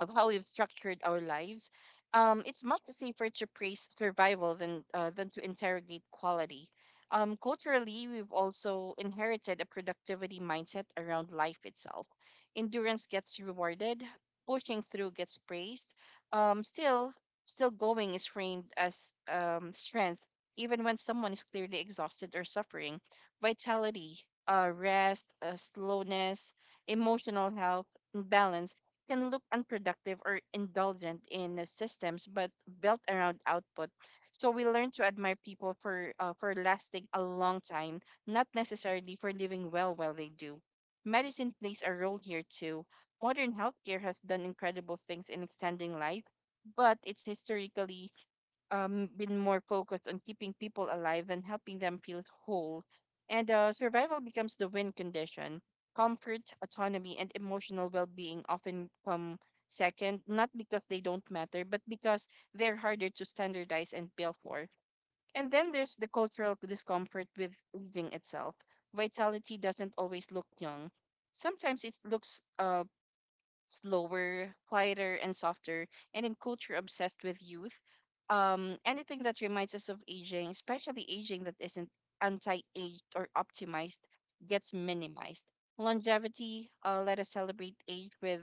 of how we've structured our lives. It's much safer to praise survival than than to interrogate quality. Culturally, we've also inherited a productivity mindset around life itself. Endurance gets rewarded, pushing through gets praised. Um, still, Still going is framed as strength, even when someone is clearly exhausted or suffering. Vitality, rest, slowness, emotional health, and balance can look unproductive or indulgent in the systems, but built around output. So we learn to admire people for lasting a long time, not necessarily for living well while they do. Medicine plays a role here too. Modern healthcare has done incredible things in extending life, but it's historically been more focused on keeping people alive than helping them feel whole. And survival becomes the win condition. Comfort, autonomy, and emotional well being often come second, not because they don't matter, but because they're harder to standardize and bill for. And then there's the cultural discomfort with living itself. Vitality doesn't always look young. Sometimes it looks slower, quieter, and softer, and in culture obsessed with youth, anything that reminds us of aging, especially aging that isn't anti-aged or optimized, gets minimized. Longevity, let us celebrate age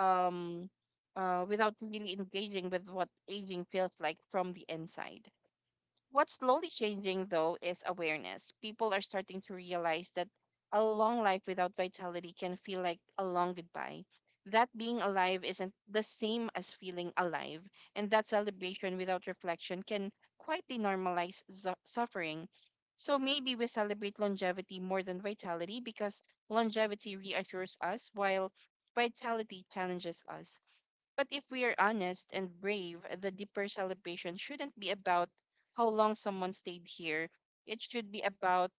um, without really engaging with what aging feels like from the inside. What's slowly changing though is awareness. People are starting to realize that a long life without vitality can feel like a long goodbye. That being alive isn't the same as feeling alive, and that celebration without reflection can quietly normalize suffering. So maybe we celebrate longevity more than vitality because longevity reassures us while vitality challenges us. But if we are honest and brave, the deeper celebration shouldn't be about how long someone stayed here. It should be about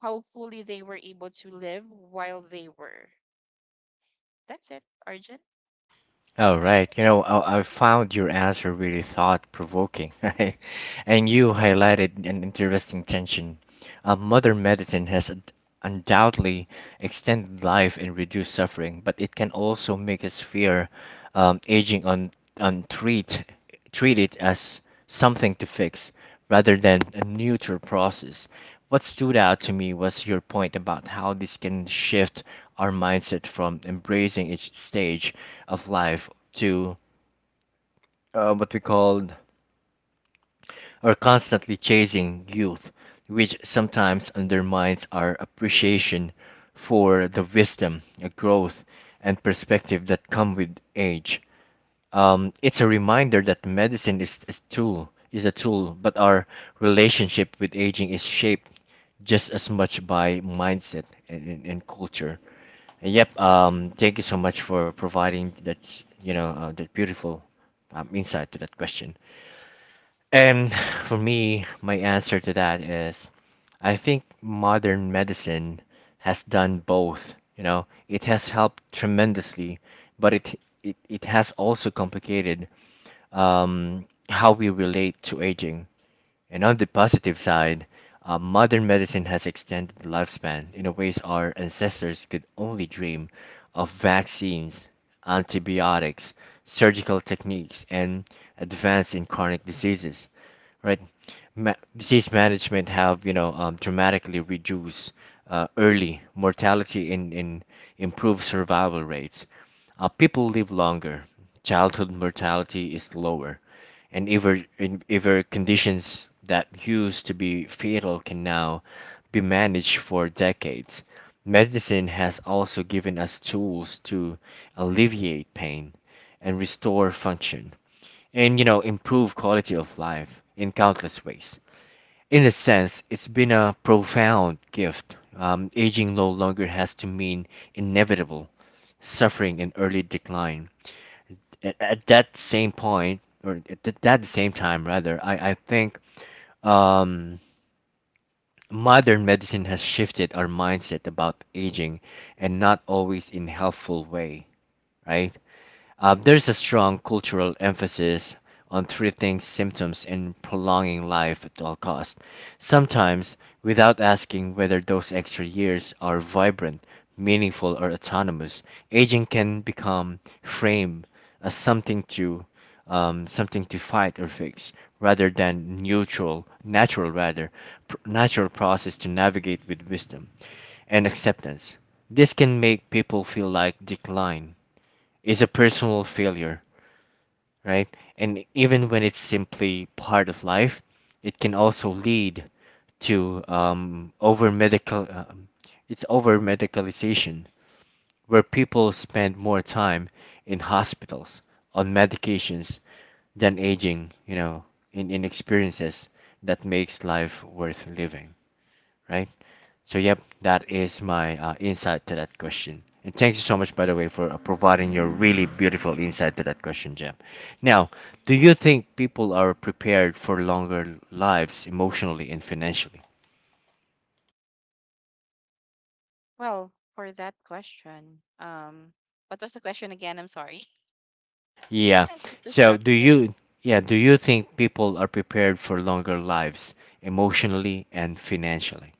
how fully they were able to live while they were. That's it, Arjun. All right, you know, I found your answer really thought provoking, [LAUGHS] right? And you highlighted an interesting tension. Modern medicine has undoubtedly extend life and reduce suffering, but it can also make us fear aging on and treat it as something to fix rather than a neutral process. What stood out to me was your point about how this can shift our mindset from embracing each stage of life to what we called are constantly chasing youth, which sometimes undermines our appreciation for the wisdom, growth, and perspective that come with age. It's a reminder that medicine is a tool, but our relationship with aging is shaped just as much by mindset and culture. And yep, thank you so much for providing that, that beautiful insight to that question. And for me, my answer to that is I think modern medicine has done both. You know, it has helped tremendously, but it has also complicated how we relate to aging. And on the positive side, modern medicine has extended the lifespan in a ways our ancestors could only dream of vaccines, antibiotics, surgical techniques, and advance in chronic diseases, right? Disease management have, dramatically reduced early mortality and in improved survival rates. People live longer, childhood mortality is lower, and even conditions that used to be fatal can now be managed for decades. Medicine has also given us tools to alleviate pain and restore function, and you know, improve quality of life in countless ways. In a sense, it's been a profound gift. Aging no longer has to mean inevitable suffering and early decline. At that same point, or at that same time rather, I think um, modern medicine has shifted our mindset about aging, and not always in helpful way, right? There's a strong cultural emphasis on treating symptoms and prolonging life at all costs, sometimes without asking whether those extra years are vibrant, meaningful, or autonomous. Aging can become framed as something to, something to fight or fix, rather than neutral, natural rather, natural process to navigate with wisdom and acceptance. This can make people feel like decline is a personal failure, right? And even when it's simply part of life, it can also lead to, over medical it's over medicalization, where people spend more time in hospitals on medications than aging, you know, in experiences that makes life worth living, right? So, yep, that is my insight to that question. And thank you so much, by the way, for providing your really beautiful insight to that question, Jam. Now, do you think people are prepared for longer lives emotionally and financially? Well, for that question, what was the question again? I'm sorry. Yeah. [LAUGHS] I get So, do distracted. you, yeah, do you think people are prepared for longer lives emotionally and financially?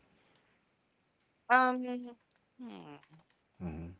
Um, hmm. Mhm.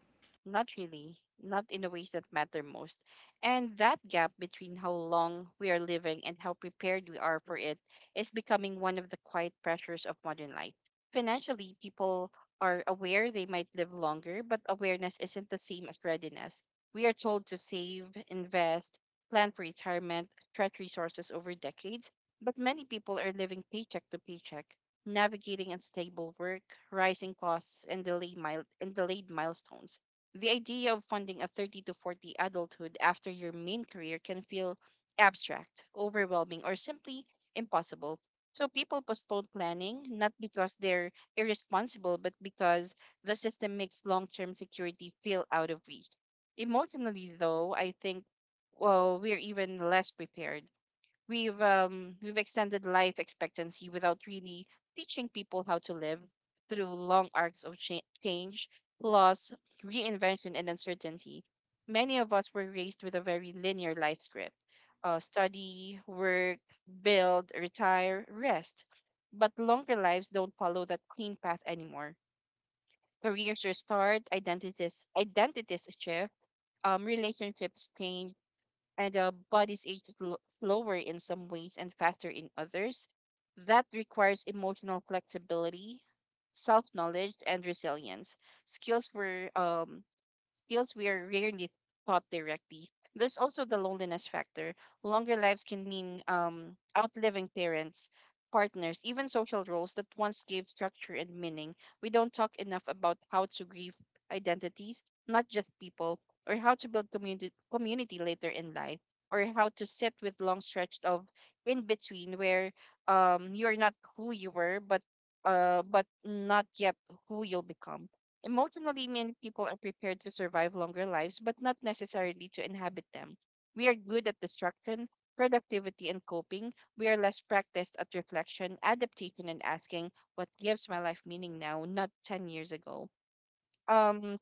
Not really, not in the ways that matter most. And that gap between how long we are living and how prepared we are for it is becoming one of the quiet pressures of modern life. Financially, people are aware they might live longer, but awareness isn't the same as readiness. We are told to save, invest, plan for retirement, stretch resources over decades, but many people are living paycheck to paycheck, navigating unstable work, rising costs, and delayed milestones. The idea of funding a 30 to 40 adulthood after your main career can feel abstract, overwhelming, or simply impossible. So people postpone planning not because they're irresponsible, but because the system makes long term security feel out of reach. Emotionally, though, I think well, we're even less prepared. We've extended life expectancy without really teaching people how to live through long arcs of change, loss, reinvention, and uncertainty. Many of us were raised with a very linear life script: study, work, build, retire, rest. But longer lives don't follow that clean path anymore. Careers restart, identities shift, relationships change, and bodies age slower in some ways and faster in others. That requires emotional flexibility, self knowledge, and resilience. Skills were um, skills we are rarely taught directly. There's also the loneliness factor. Longer lives can mean outliving parents, partners, even social roles that once gave structure and meaning. We don't talk enough about how to grieve identities, not just people, or how to build community later in life, or how to sit with long stretch of in between where you're not who you were but not yet who you'll become. Emotionally, many people are prepared to survive longer lives but not necessarily to inhabit them. We are good at destruction, productivity, and coping. We are less practiced at reflection, adaptation, and asking what gives my life meaning now, not 10 years ago. um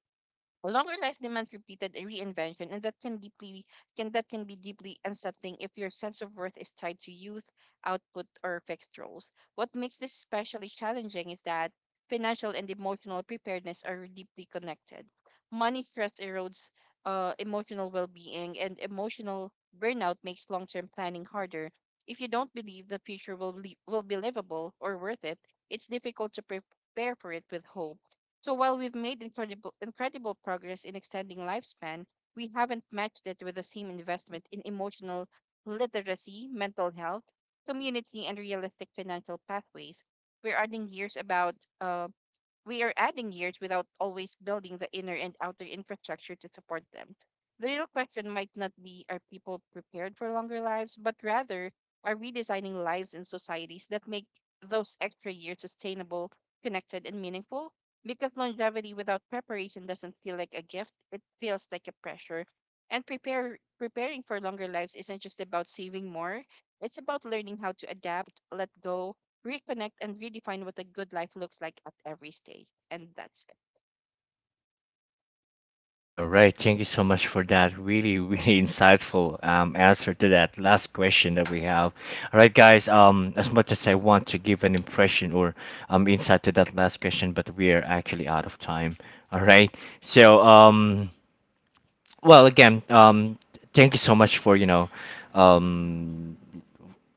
a longer life demands repeated reinvention, and that can be deeply unsettling if your sense of worth is tied to youth, output, or fixed roles. What makes this especially challenging is that financial and emotional preparedness are deeply connected. Money stress erodes emotional well-being, and emotional burnout makes long-term planning harder. If you don't believe the future will be livable or worth it, it's difficult to prepare for it with hope. So while we've made incredible progress in extending lifespan, we haven't matched it with the same investment in emotional literacy, mental health, community, and realistic financial pathways. We're adding years about uh, we are adding years without always building the inner and outer infrastructure to support them. The real question might not be are people prepared for longer lives, but rather are we designing lives and societies that make those extra years sustainable, connected, and meaningful? Because longevity without preparation doesn't feel like a gift, it feels like a pressure. And preparing for longer lives isn't just about saving more, it's about learning how to adapt, let go, reconnect, and redefine what a good life looks like at every stage. And that's All right, thank you so much for that really, really [LAUGHS] insightful answer to that last question that we have. All right, guys, as much as I want to give an impression or insight to that last question, but we are actually out of time. All right, so well, again, thank you so much for um,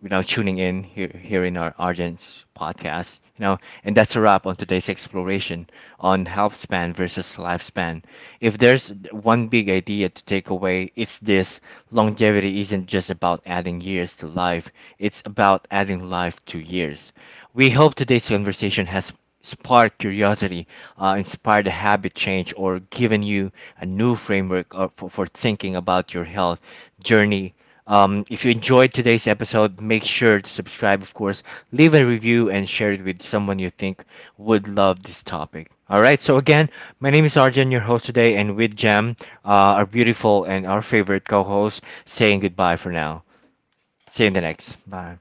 tuning in here here in our Argent's podcast. You know, and that's a wrap on today's exploration on health span versus lifespan. If there's one big idea to take away, it's this: longevity isn't just about adding years to life; it's about adding life to years. We hope today's conversation has sparked curiosity, inspired a habit change, or given you a new framework for thinking about your health journey. If you enjoyed today's episode, make sure to subscribe, of course, leave a review, and share it with someone you think would love this topic. All right, so again, my name is Arjun, your host today, and with Jam, our beautiful and our favorite co host, saying goodbye for now. See you in the next. Bye.